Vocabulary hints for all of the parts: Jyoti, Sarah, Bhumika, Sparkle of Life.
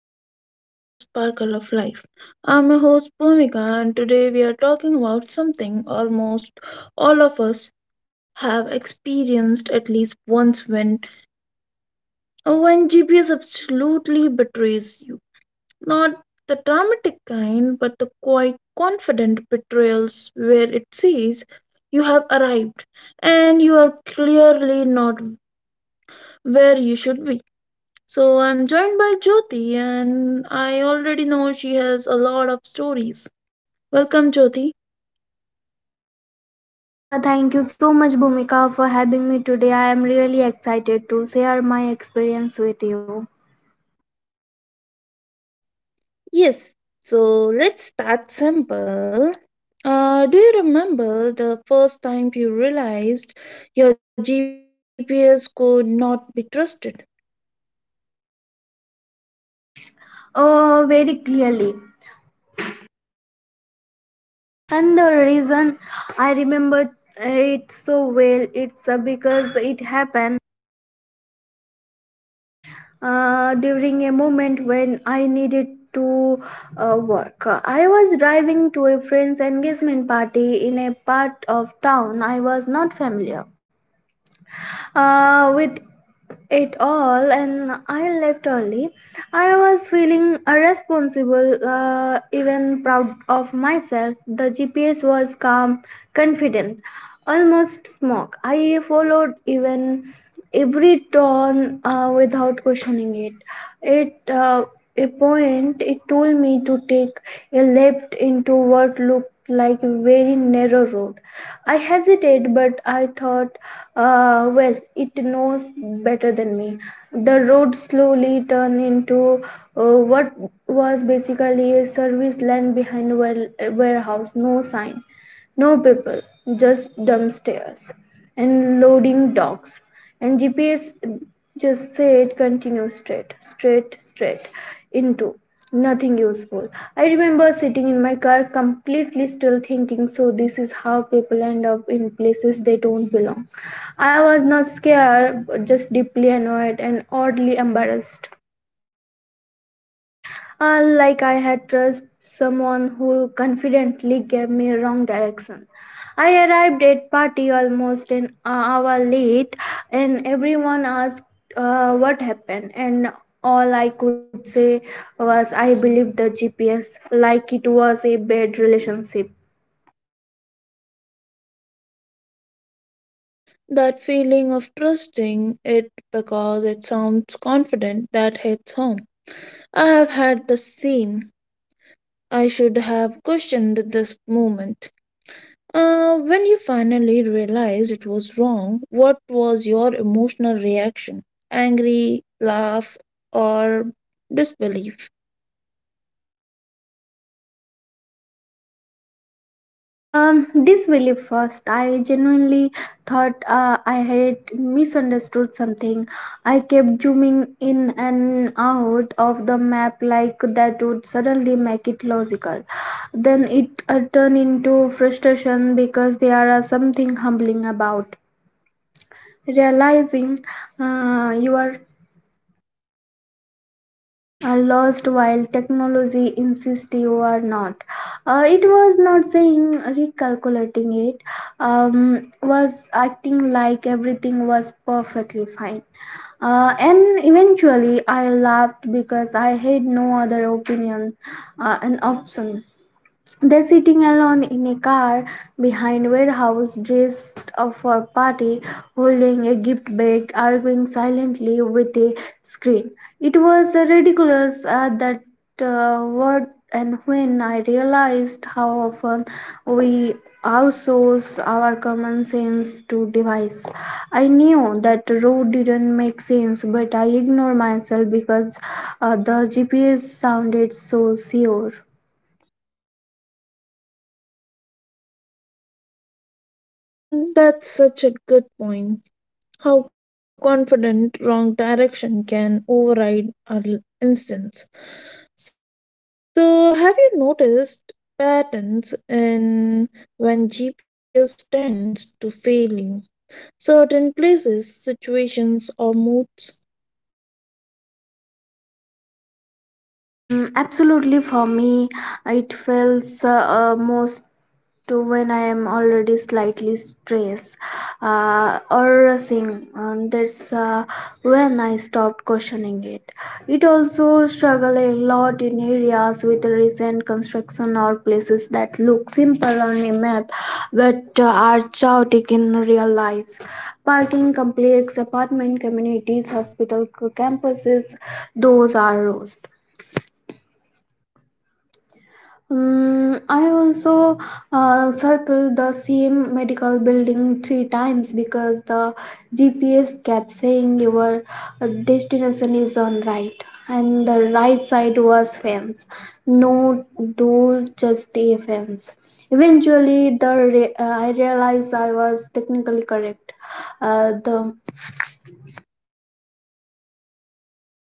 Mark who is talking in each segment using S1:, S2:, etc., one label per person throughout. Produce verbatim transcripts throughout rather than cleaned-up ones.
S1: back to our podcast Sparkle of Life. I'm your host Bhumika, and today we are talking about something almost all of us have experienced at least once: when when G P S absolutely betrays you. Not the dramatic kind, but the quite confident betrayals where it says you have arrived and you are clearly not where you should be. So I'm joined by Jyoti, and I already know she has a lot of stories. Welcome, Jyoti.
S2: Uh, thank you so much, Bhumika, for having me today. I am really excited to share my experience with you.
S1: Yes, so let's start simple. Uh, do you remember the first time you realized your G P S could not be trusted?
S2: Oh, very clearly. And the reason I remember it so well, it's uh, because it happened uh, during a moment when I needed to uh, work. I was driving to a friend's engagement party in a part of town I was not familiar uh, with it all, and I left early. I was feeling irresponsible, uh, even proud of myself. The GPS was calm, confident, almost smug. I followed even every turn uh, without questioning it. it uh, a point, it told me to take a left into what looked like a very narrow road. I hesitated, but I thought, uh, well, it knows better than me. The road slowly turned into uh, what was basically a service land behind a ware- warehouse. No sign. No people, just dumb stairs and loading docks. And G P S just said continue straight, straight, straight into nothing useful. I remember sitting in my car completely still thinking, so this is how people end up in places they don't belong. I was not scared, but just deeply annoyed and oddly embarrassed. Uh, like I had trust someone who confidently gave me wrong direction. I arrived at party almost an hour late, and everyone asked uh, what happened. And all I could say was I believed the G P S, like it was a bad relationship.
S1: That feeling of trusting it because it sounds confident, that hits home. I have had the same. I should have questioned this moment. Uh, when you finally realized it was wrong, what was your emotional reaction? Angry, laugh, or disbelief?
S2: Um, this really first. I genuinely thought uh, I had misunderstood something. I kept zooming in and out of the map like that would suddenly make it logical. Then it uh, turned into frustration because there are something humbling about realizing uh, you are are lost while technology insists you are not. Uh, it was not saying recalculating it, um, was acting like everything was perfectly fine. Uh, and eventually, I laughed because I had no other opinion, uh, an option. They're sitting alone in a car behind warehouse dressed up for party, holding a gift bag, arguing silently with a screen. It was uh, ridiculous uh, that uh, what and when I realized how often we outsource our common sense to device. I knew that road didn't make sense, but I ignored myself because uh, the G P S sounded so sure.
S1: Mm, that's such a good point. How confident wrong direction can override our l- instincts. So, have you noticed patterns in when G P S tends to fail you? Certain places, situations, or moods?
S2: Mm, absolutely, for me, it feels uh, uh, most to when I am already slightly stressed uh, or sing. And that's uh, when I stopped questioning it. It also struggle a lot in areas with recent construction or places that look simple on a map but uh, are chaotic in real life. Parking complex, apartment communities, hospital c- campuses, those are rows. Mm, I also uh, circled the same medical building three times because the G P S kept saying your uh, destination is on right, and the right side was fence. No door, just a fence. Eventually, the re- uh, I realized I was technically correct. Uh, the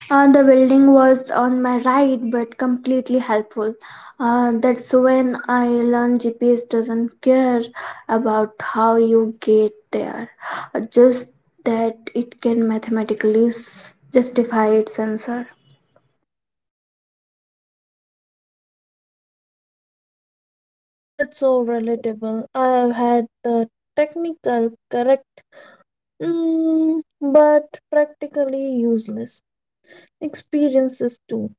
S2: Uh, the building was on my right, but completely helpful. Uh, that's when I learned G P S doesn't care about how you get there, uh, just that it can mathematically s- justify its answer.
S1: Mm, that's so relatable. I've had the technical correct, mm, but practically useless experiences too.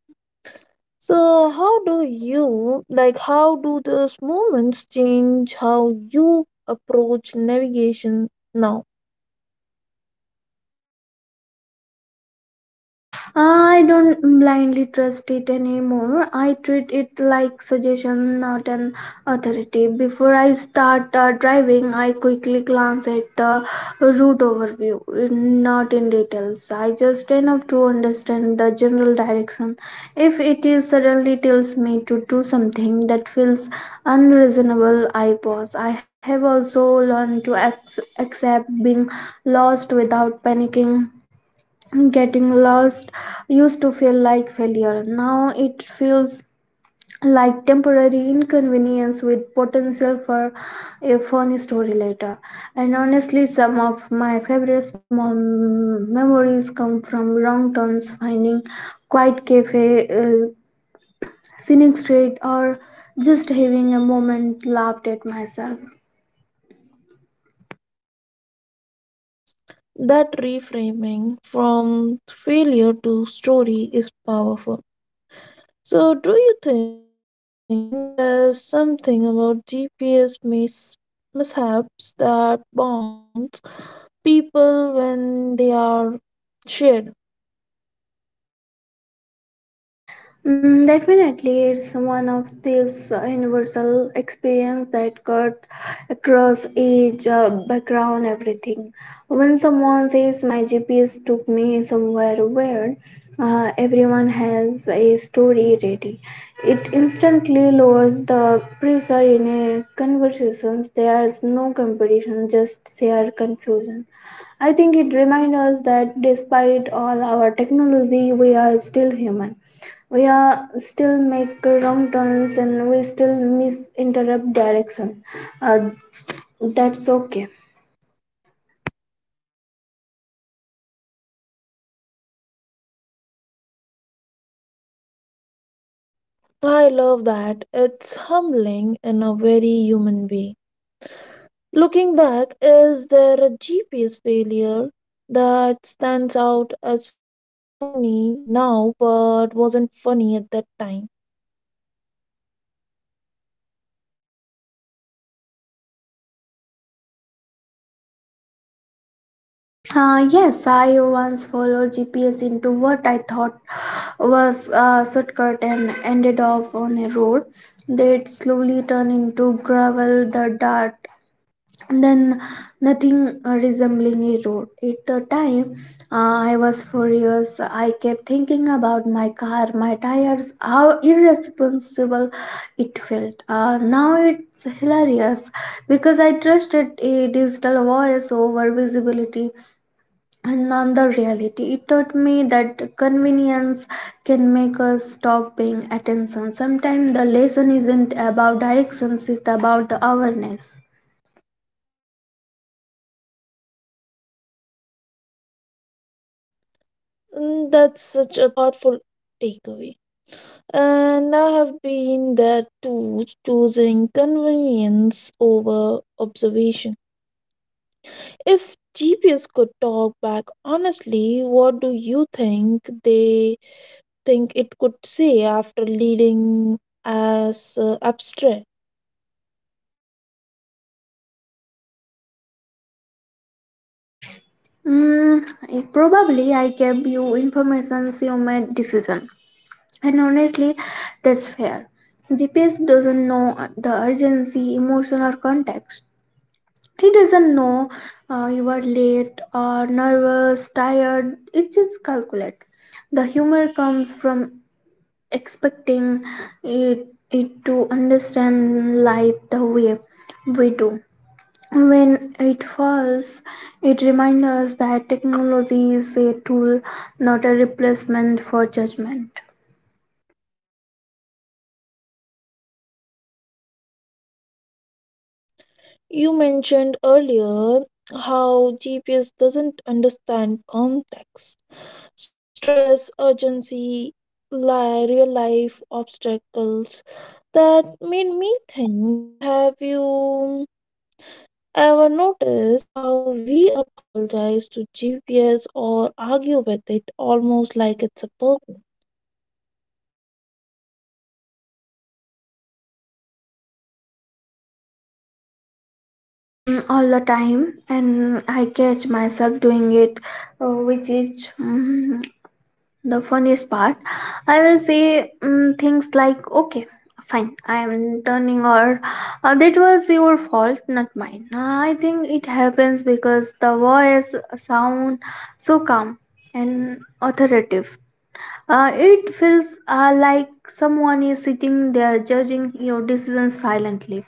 S1: So, how do you, like, how do those moments change how you approach navigation now?
S2: I don't blindly trust it anymore. I treat it like suggestion, not an authority. Before I start uh, driving, I quickly glance at the route overview, not in details. I just enough to understand the general direction. If it is suddenly tells me to do something that feels unreasonable, I pause. I have also learned to ac- accept being lost without panicking. Getting lost used to feel like failure. Now it feels like temporary inconvenience with potential for a funny story later. And honestly, some of my favorite small m- memories come from wrong turns, finding quiet cafe, uh, scenic street, or just having a moment laughed at myself.
S1: That reframing from failure to story is powerful. So, do you think there's something about G P S mis- mishaps that bonds people when they are shared?
S2: Mm, definitely, it's one of these uh, universal experience that cut across age, uh, background, everything. When someone says my G P S took me somewhere weird, uh, everyone has a story ready. It instantly lowers the pressure in a conversations. There's no competition, just shared confusion. I think it reminds us that despite all our technology, we are still human, we are still make wrong turns, and we still misinterrupt direction. uh, that's okay.
S1: I love that. It's humbling in a very human way. Looking back, is there a G P S failure that stands out as funny now but wasn't funny at that time?
S2: Uh, yes, I once followed GPS into what I thought was a shortcut and ended up on a road that slowly turned into gravel, the dirt, then nothing uh, resembling a road. At the time, uh, I was furious. I kept thinking about my car, my tires, how irresponsible it felt. Uh, now it's hilarious because I trusted a digital voice over visibility and not the reality. It taught me that convenience can make us stop paying attention. Sometimes the lesson isn't about directions, it's about the awareness.
S1: Mm, that's such a thoughtful takeaway. And I have been there too, choosing convenience over observation. If G P S could talk back honestly, what do you think they think it could say after leading as uh, abstract?
S2: Mm, it- probably I gave you information, you made decision, and honestly, that's fair. G P S doesn't know the urgency, emotional context. It doesn't know uh, you are late or nervous, tired. It just calculate. The humor comes from expecting it, it to understand life the way we do. When it falls, it reminds us that technology is a tool, not a replacement for judgment.
S1: You mentioned earlier how G P S doesn't understand context: stress, urgency, li- real life obstacles. That made me think, have you ever noticed how we apologize to G P S or argue with it almost like it's a person?
S2: Mm, all the time, and I catch myself doing it, uh, which is mm, the funniest part. I will say mm, things like, okay. Fine, I am turning or uh, that was your fault, not mine. Uh, I think it happens because the voice uh, sound so calm and authoritative. Uh, it feels uh, like someone is sitting there judging your decisions silently.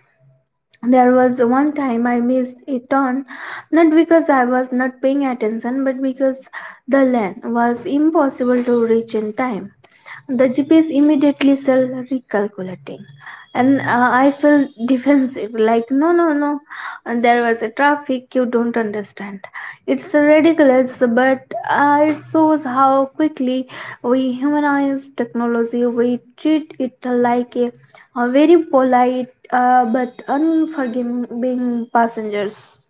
S2: There was one time I missed a turn, not because I was not paying attention, but because the lane was impossible to reach in time. The G P S immediately sell recalculating, and uh, I felt defensive. Like no, no, no, and there was a traffic you don't understand. It's ridiculous, but uh, it shows how quickly we humanize technology. We treat it like a, a very polite uh, but unforgiving passengers.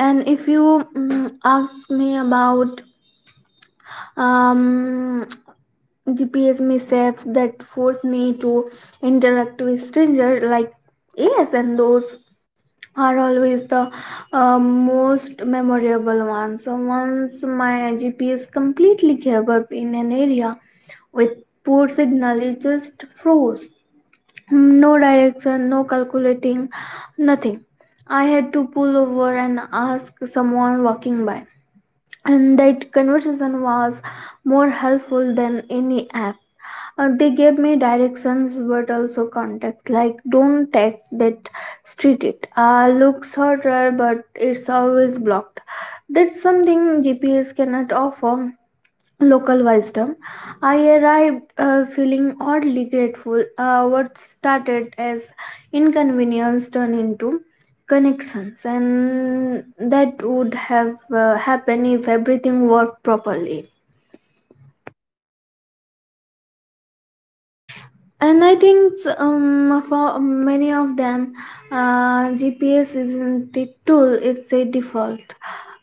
S2: And if you mm ask me about um, G P S mishaps that force me to interact with strangers, like yes, and those are always the uh, most memorable ones. So once my G P S completely gave up in an area with poor signal, it just froze. No direction, no calculating, nothing. I had to pull over and ask someone walking by, and that conversation was more helpful than any app. Uh, they gave me directions but also context like don't take that street, it uh, looks shorter but it's always blocked. That's something GPS cannot offer, local wisdom. I arrived uh, feeling oddly grateful. Uh, what started as inconvenience turned into connections, and that would have uh, happened if everything worked properly. And I think um, for many of them, uh, G P S isn't a tool, it's a default.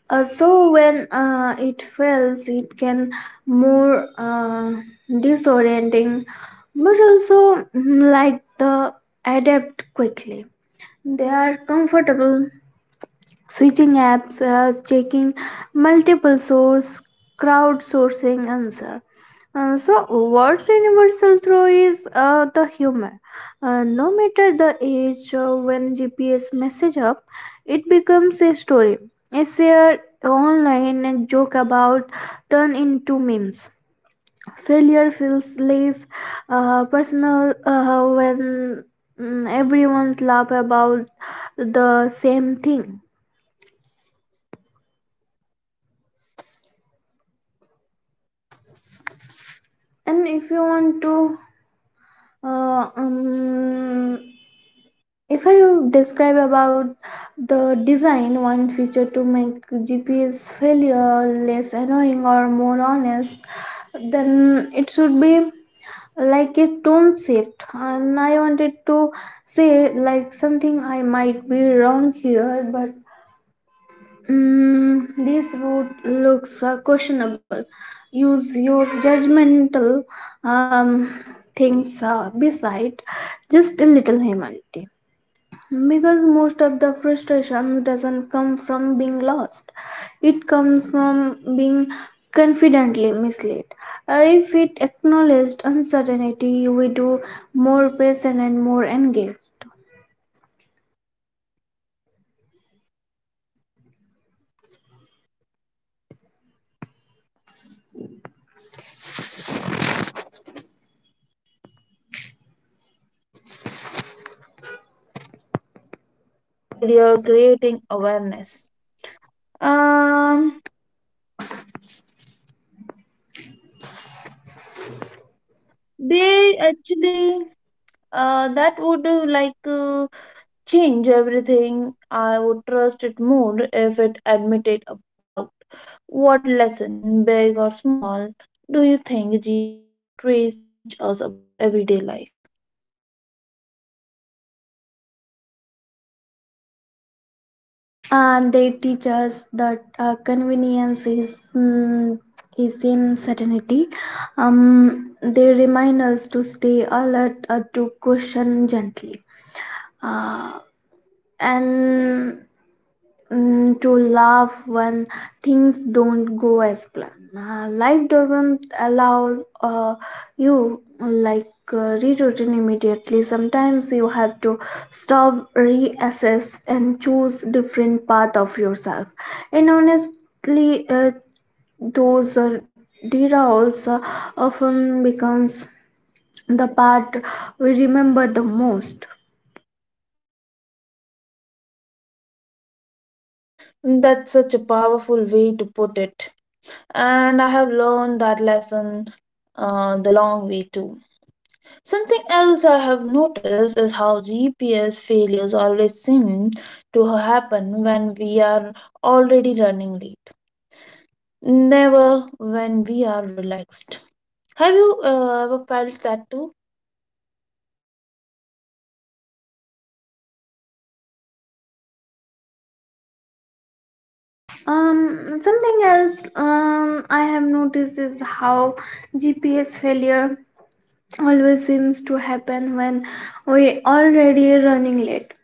S2: Uh, so when uh, it fails, it can more uh, disorienting, but also mm, like the adapt quickly. They are comfortable switching apps, uh, checking multiple source, crowdsourcing answer. Uh, so what's universal through is uh, the humor. Uh, no matter the age, uh, when G P S message up, it becomes a story. A shared online joke about turn into memes. Failure feels less uh, personal uh, when mm, everyone laugh about the same thing. And if you want to uh, um, if I describe about the design one feature to make GPS failure less annoying or more honest, then it should be like a tone shift, and I wanted to say like something I might be wrong here but Mm, this route looks uh, questionable. Use your judgmental um, things uh, beside just a little humanity. Because most of the frustration doesn't come from being lost, it comes from being confidently misled. Uh, if it acknowledged uncertainty, we do more patient and more engaged.
S1: That's such an interesting way to look at it. Failure creating awareness. Um, they actually, uh, that would uh, like uh, change everything. I would trust it more if it admitted a doubt. What lesson, big or small, do you think G P S betrays teach us about everyday life?
S2: And they teach us that uh, convenience is mm, is insanity. Um, they remind us to stay alert, uh, to question gently, uh, and Mm, to laugh when things don't go as planned. Uh, life doesn't allow uh, you like uh, rerouting immediately. Sometimes you have to stop, reassess, and choose different path of yourself. And honestly, uh, those uh, derails uh, often becomes the part we remember the most.
S1: That's such a powerful way to put it. And I have learned that lesson uh, the long way too. Something else I have noticed is how G P S failures always seem to happen when we are already running late. Never when we are relaxed. Have you uh, ever felt that too?
S2: Um, something else um, I have noticed is how G P S failure always seems to happen when we already running late,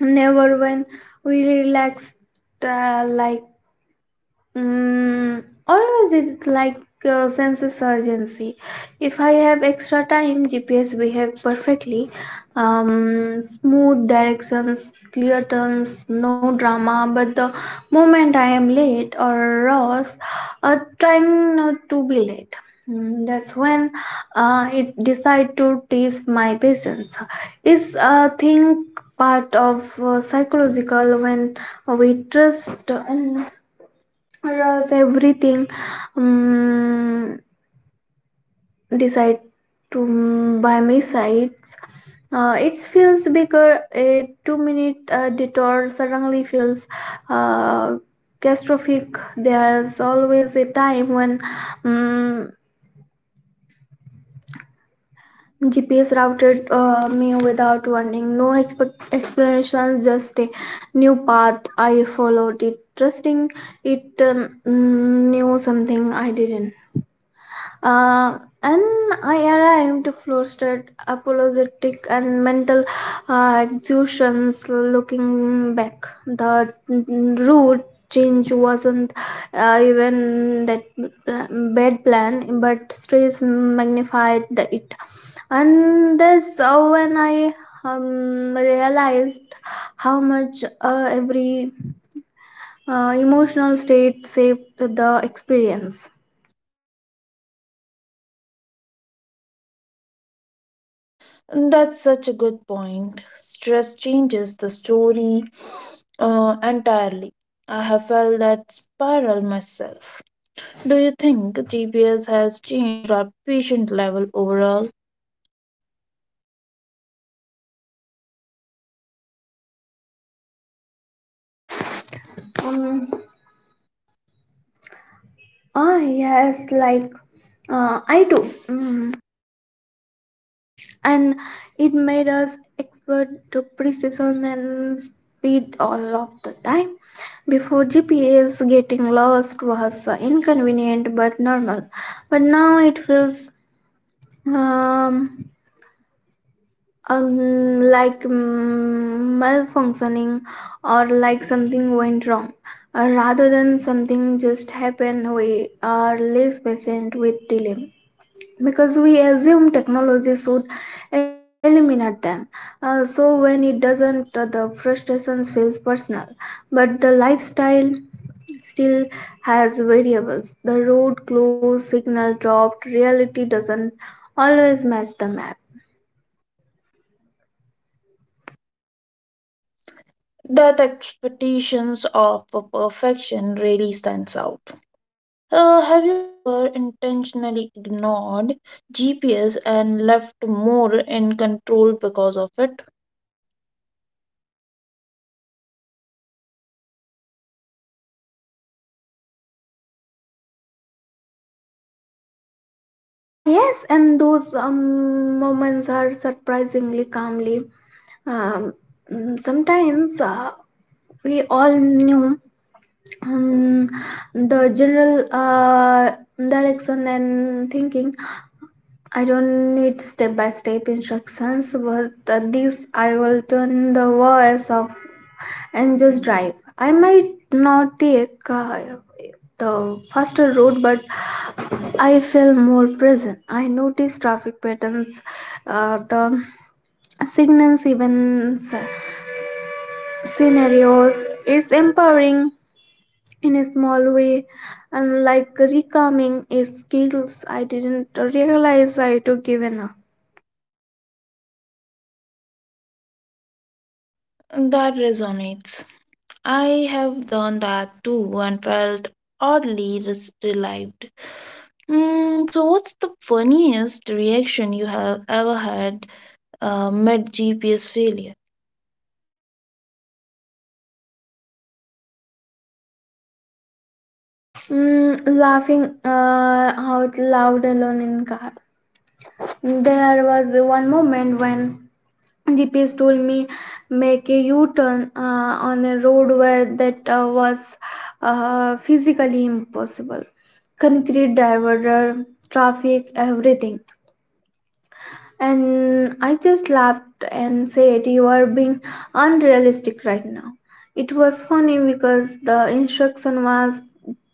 S2: never when we relaxed, uh, like Mm, always it's like uh, senses urgency. If I have extra time, G P S behave perfectly. Um, smooth directions, clear turns, no drama. But the moment I am late or lost, uh, trying not to be late. Mm, that's when uh, it decide to test my patience. Is a thing part of uh, psychological when we trust in was everything um, decide to mm, buy me sides. Uh, it feels bigger. A two minute uh, detour suddenly feels uh, catastrophic. There's always a time when um, gps routed uh, me without warning, no expect- explanations, just a new path. I followed it, trusting it um, knew something I didn't. Uh, and I arrived flustered, apologetic, and mental uh, exhaustions. Looking back, the route change wasn't uh, even that pl- bad plan, but stress magnified the it. And that's uh, when I um, realized how much uh, every uh, emotional state saved the experience.
S1: That's such a good point. Stress changes the story uh, entirely. I have felt that spiral myself. Do you think G P S has changed our patient level overall?
S2: Um, Ah, yes, like uh, I do. Mm. And it made us expert to precision and speed all of the time. Before G P S, getting lost was uh, inconvenient but normal. But now it feels um, um, like mm, malfunctioning, or like something went wrong. Uh, rather than something just happened, we are less patient with delay, because we assume technology should eliminate them. Uh, so when it doesn't, uh, the frustration feels personal, but the lifestyle still has variables. The road closed, signal dropped, reality doesn't always match the map.
S1: That expectations of perfection really stands out. Uh, have you ever intentionally ignored G P S and left more in control because of it?
S2: Ah, yes, and those um, moments are surprisingly calmly. um, mm, Sometimes uh, we all knew um, the general uh, direction, and thinking I don't need step by step instructions, but at this I will turn the voice off and just drive. I might not take uh, the faster road, but I feel more present. I notice traffic patterns, uh, the signals, even s- scenarios. It's empowering in a small way, and like recalming is skills I didn't realize I took given up.
S1: That resonates. I have done that too and felt oddly res- relieved. Mm, so, what's the funniest reaction you have ever had uh, mid G P S failure?
S2: Mm, laughing uh, out loud alone in car. There was one moment when gps told me make a u-turn uh, on a road where that uh, was uh, physically impossible. Concrete divider, traffic, everything. And I just laughed and said, "You are being unrealistic right now." It was funny because the instruction was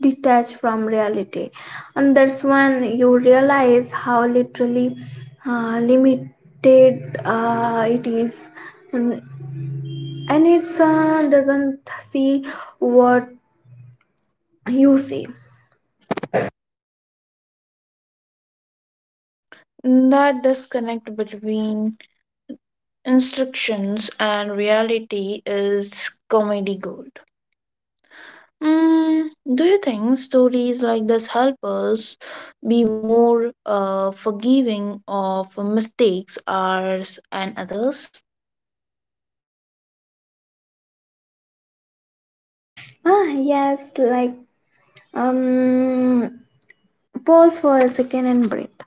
S2: detached from reality. And that's when you realize how literally uh, limited uh, it is. And, and it uh, doesn't see what you see.
S1: That disconnect between instructions and reality is comedy gold. Mm, do you think stories like this help us be more uh, forgiving of mistakes, ours and others?
S2: Ah, yes, like um pause for a second and breathe.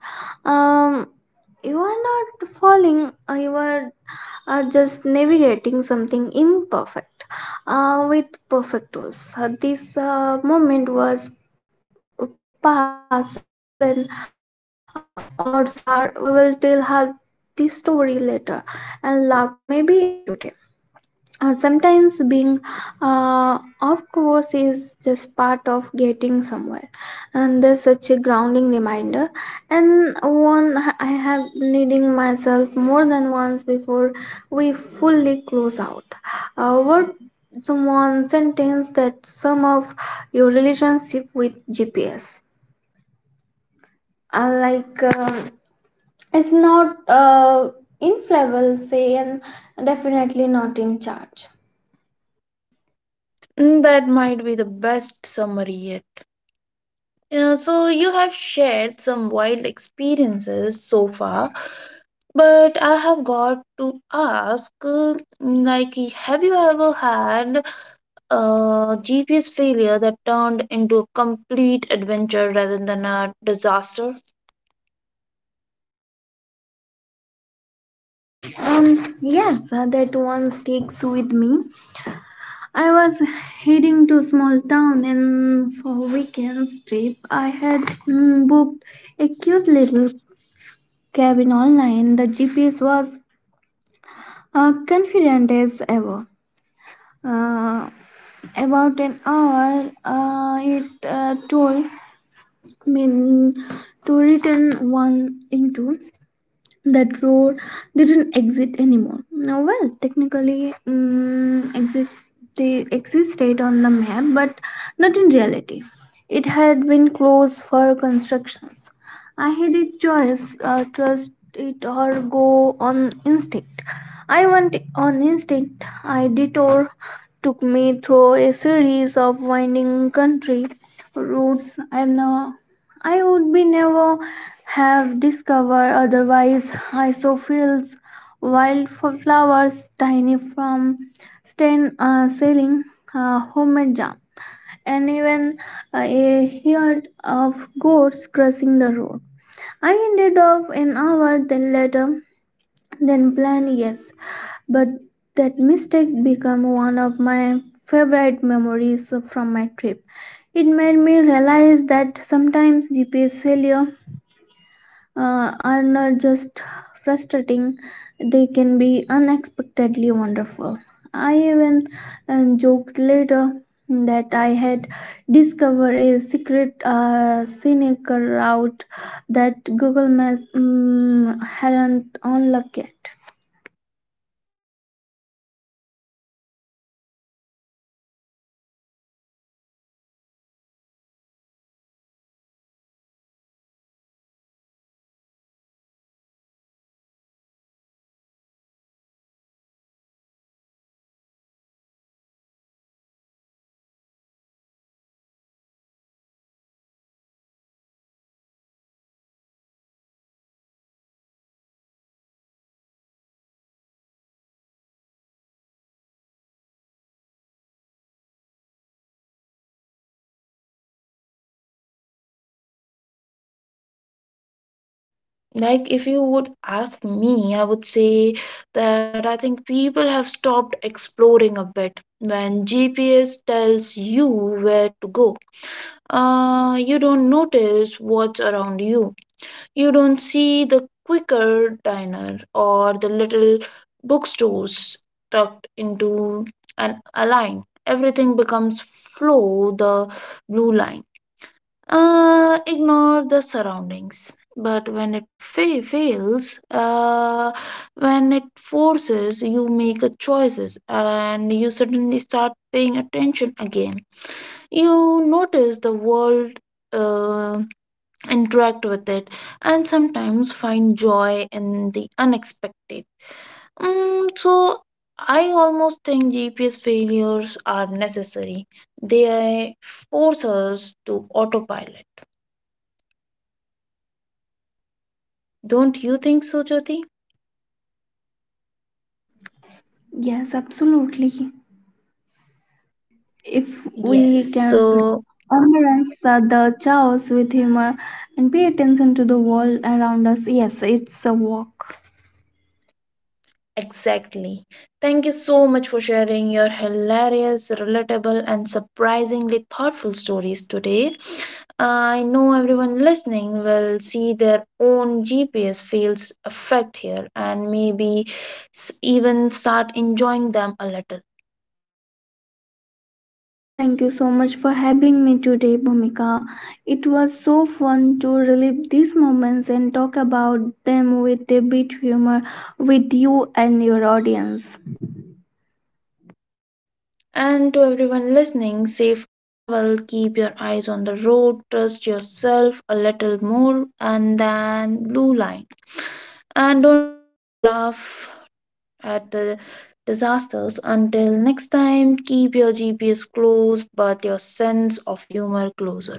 S2: um you are not falling, uh, you are uh, just navigating something imperfect uh, with perfect tools. Uh, this uh, moment was past, and uh, odds are we will tell her this story later and laugh, maybe even today. Uh, sometimes being uh, off course is just part of getting somewhere, and there's such a grounding reminder, and one I have needing myself more than once. Before we fully close out, uh, what someone sentence that some of your relationship with gps, uh, like um it's not uh, infallible say, and definitely not in charge.
S1: Mm, that might be the best summary yet. Yeah, so you have shared some wild experiences so far, but I have got to ask, uh, like, have you ever had a G P S failure that turned into a complete adventure rather than a disaster?
S2: Um, yes, uh, that one sticks with me. I was heading to small town and for a weekend's trip, I had mm, booked a cute little cabin online. The G P S was uh, confident as ever. Uh, about an hour, uh, it uh, told me mm, to return one into. That road didn't exist anymore. Now, well, technically, um, exist, they existed on the map, but not in reality. It had been closed for constructions. I had a choice: uh, trust it or go on instinct. I went on instinct. I detour took me through a series of winding country roads and. Uh, I would be never have discovered otherwise. Isophils, wildflowers, tiny from stain uh, selling uh, homemade jam, and even uh, a herd of goats crossing the road. I ended up an hour then later then planned, yes, but that mistake became one of my favorite memories from my trip. It made me realize that sometimes G P S failure uh, are not just frustrating, they can be unexpectedly wonderful. I even uh, joked later that I had discovered a secret uh, scenic route that Google Maps mm, hadn't unlocked yet.
S1: Mm, I love that. You turned a problem into little hidden treasures. Mm, that's something I have found myself doing too, when I stop panicking and just go with it. So, do you think that sense of adventure disappear when people rely too much on G P S? Like, if you would ask me, I would say that I think people have stopped exploring a bit. When G P S tells you where to go, Uh, you don't notice what's around you. You don't see the quicker diner or the little bookstores tucked into an a line. Everything becomes flow the blue line. Uh, ignore the surroundings. But when it fa- fails, uh, when it forces, you make a choices, and you suddenly start paying attention again. You notice the world, uh, interact with it, and sometimes find joy in the unexpected. Mm, so I almost think GPS failures are necessary. They force us to autopilot. Don't you think so, Jyoti?
S2: Yes, absolutely. If
S1: Yes.
S2: we can
S1: So
S2: embrace the, the chaos with humor and pay attention to the world around us, yes, it's a walk.
S1: exactly, thank you so much for sharing your hilarious, relatable, and surprisingly thoughtful stories today. I know everyone listening will see their own G P S fields affect here and maybe s- even start enjoying them a little.
S2: Uh, thank you so much for having me today, Bhumika. It was so fun to relive these moments and talk about them with a bit humor with you and your audience.
S1: And to everyone listening, safe travel, keep your eyes on the road, trust yourself a little more, and then blue line. And don't forget to laugh at the disasters. Until next time, keep your G P S close but your sense of humor closer.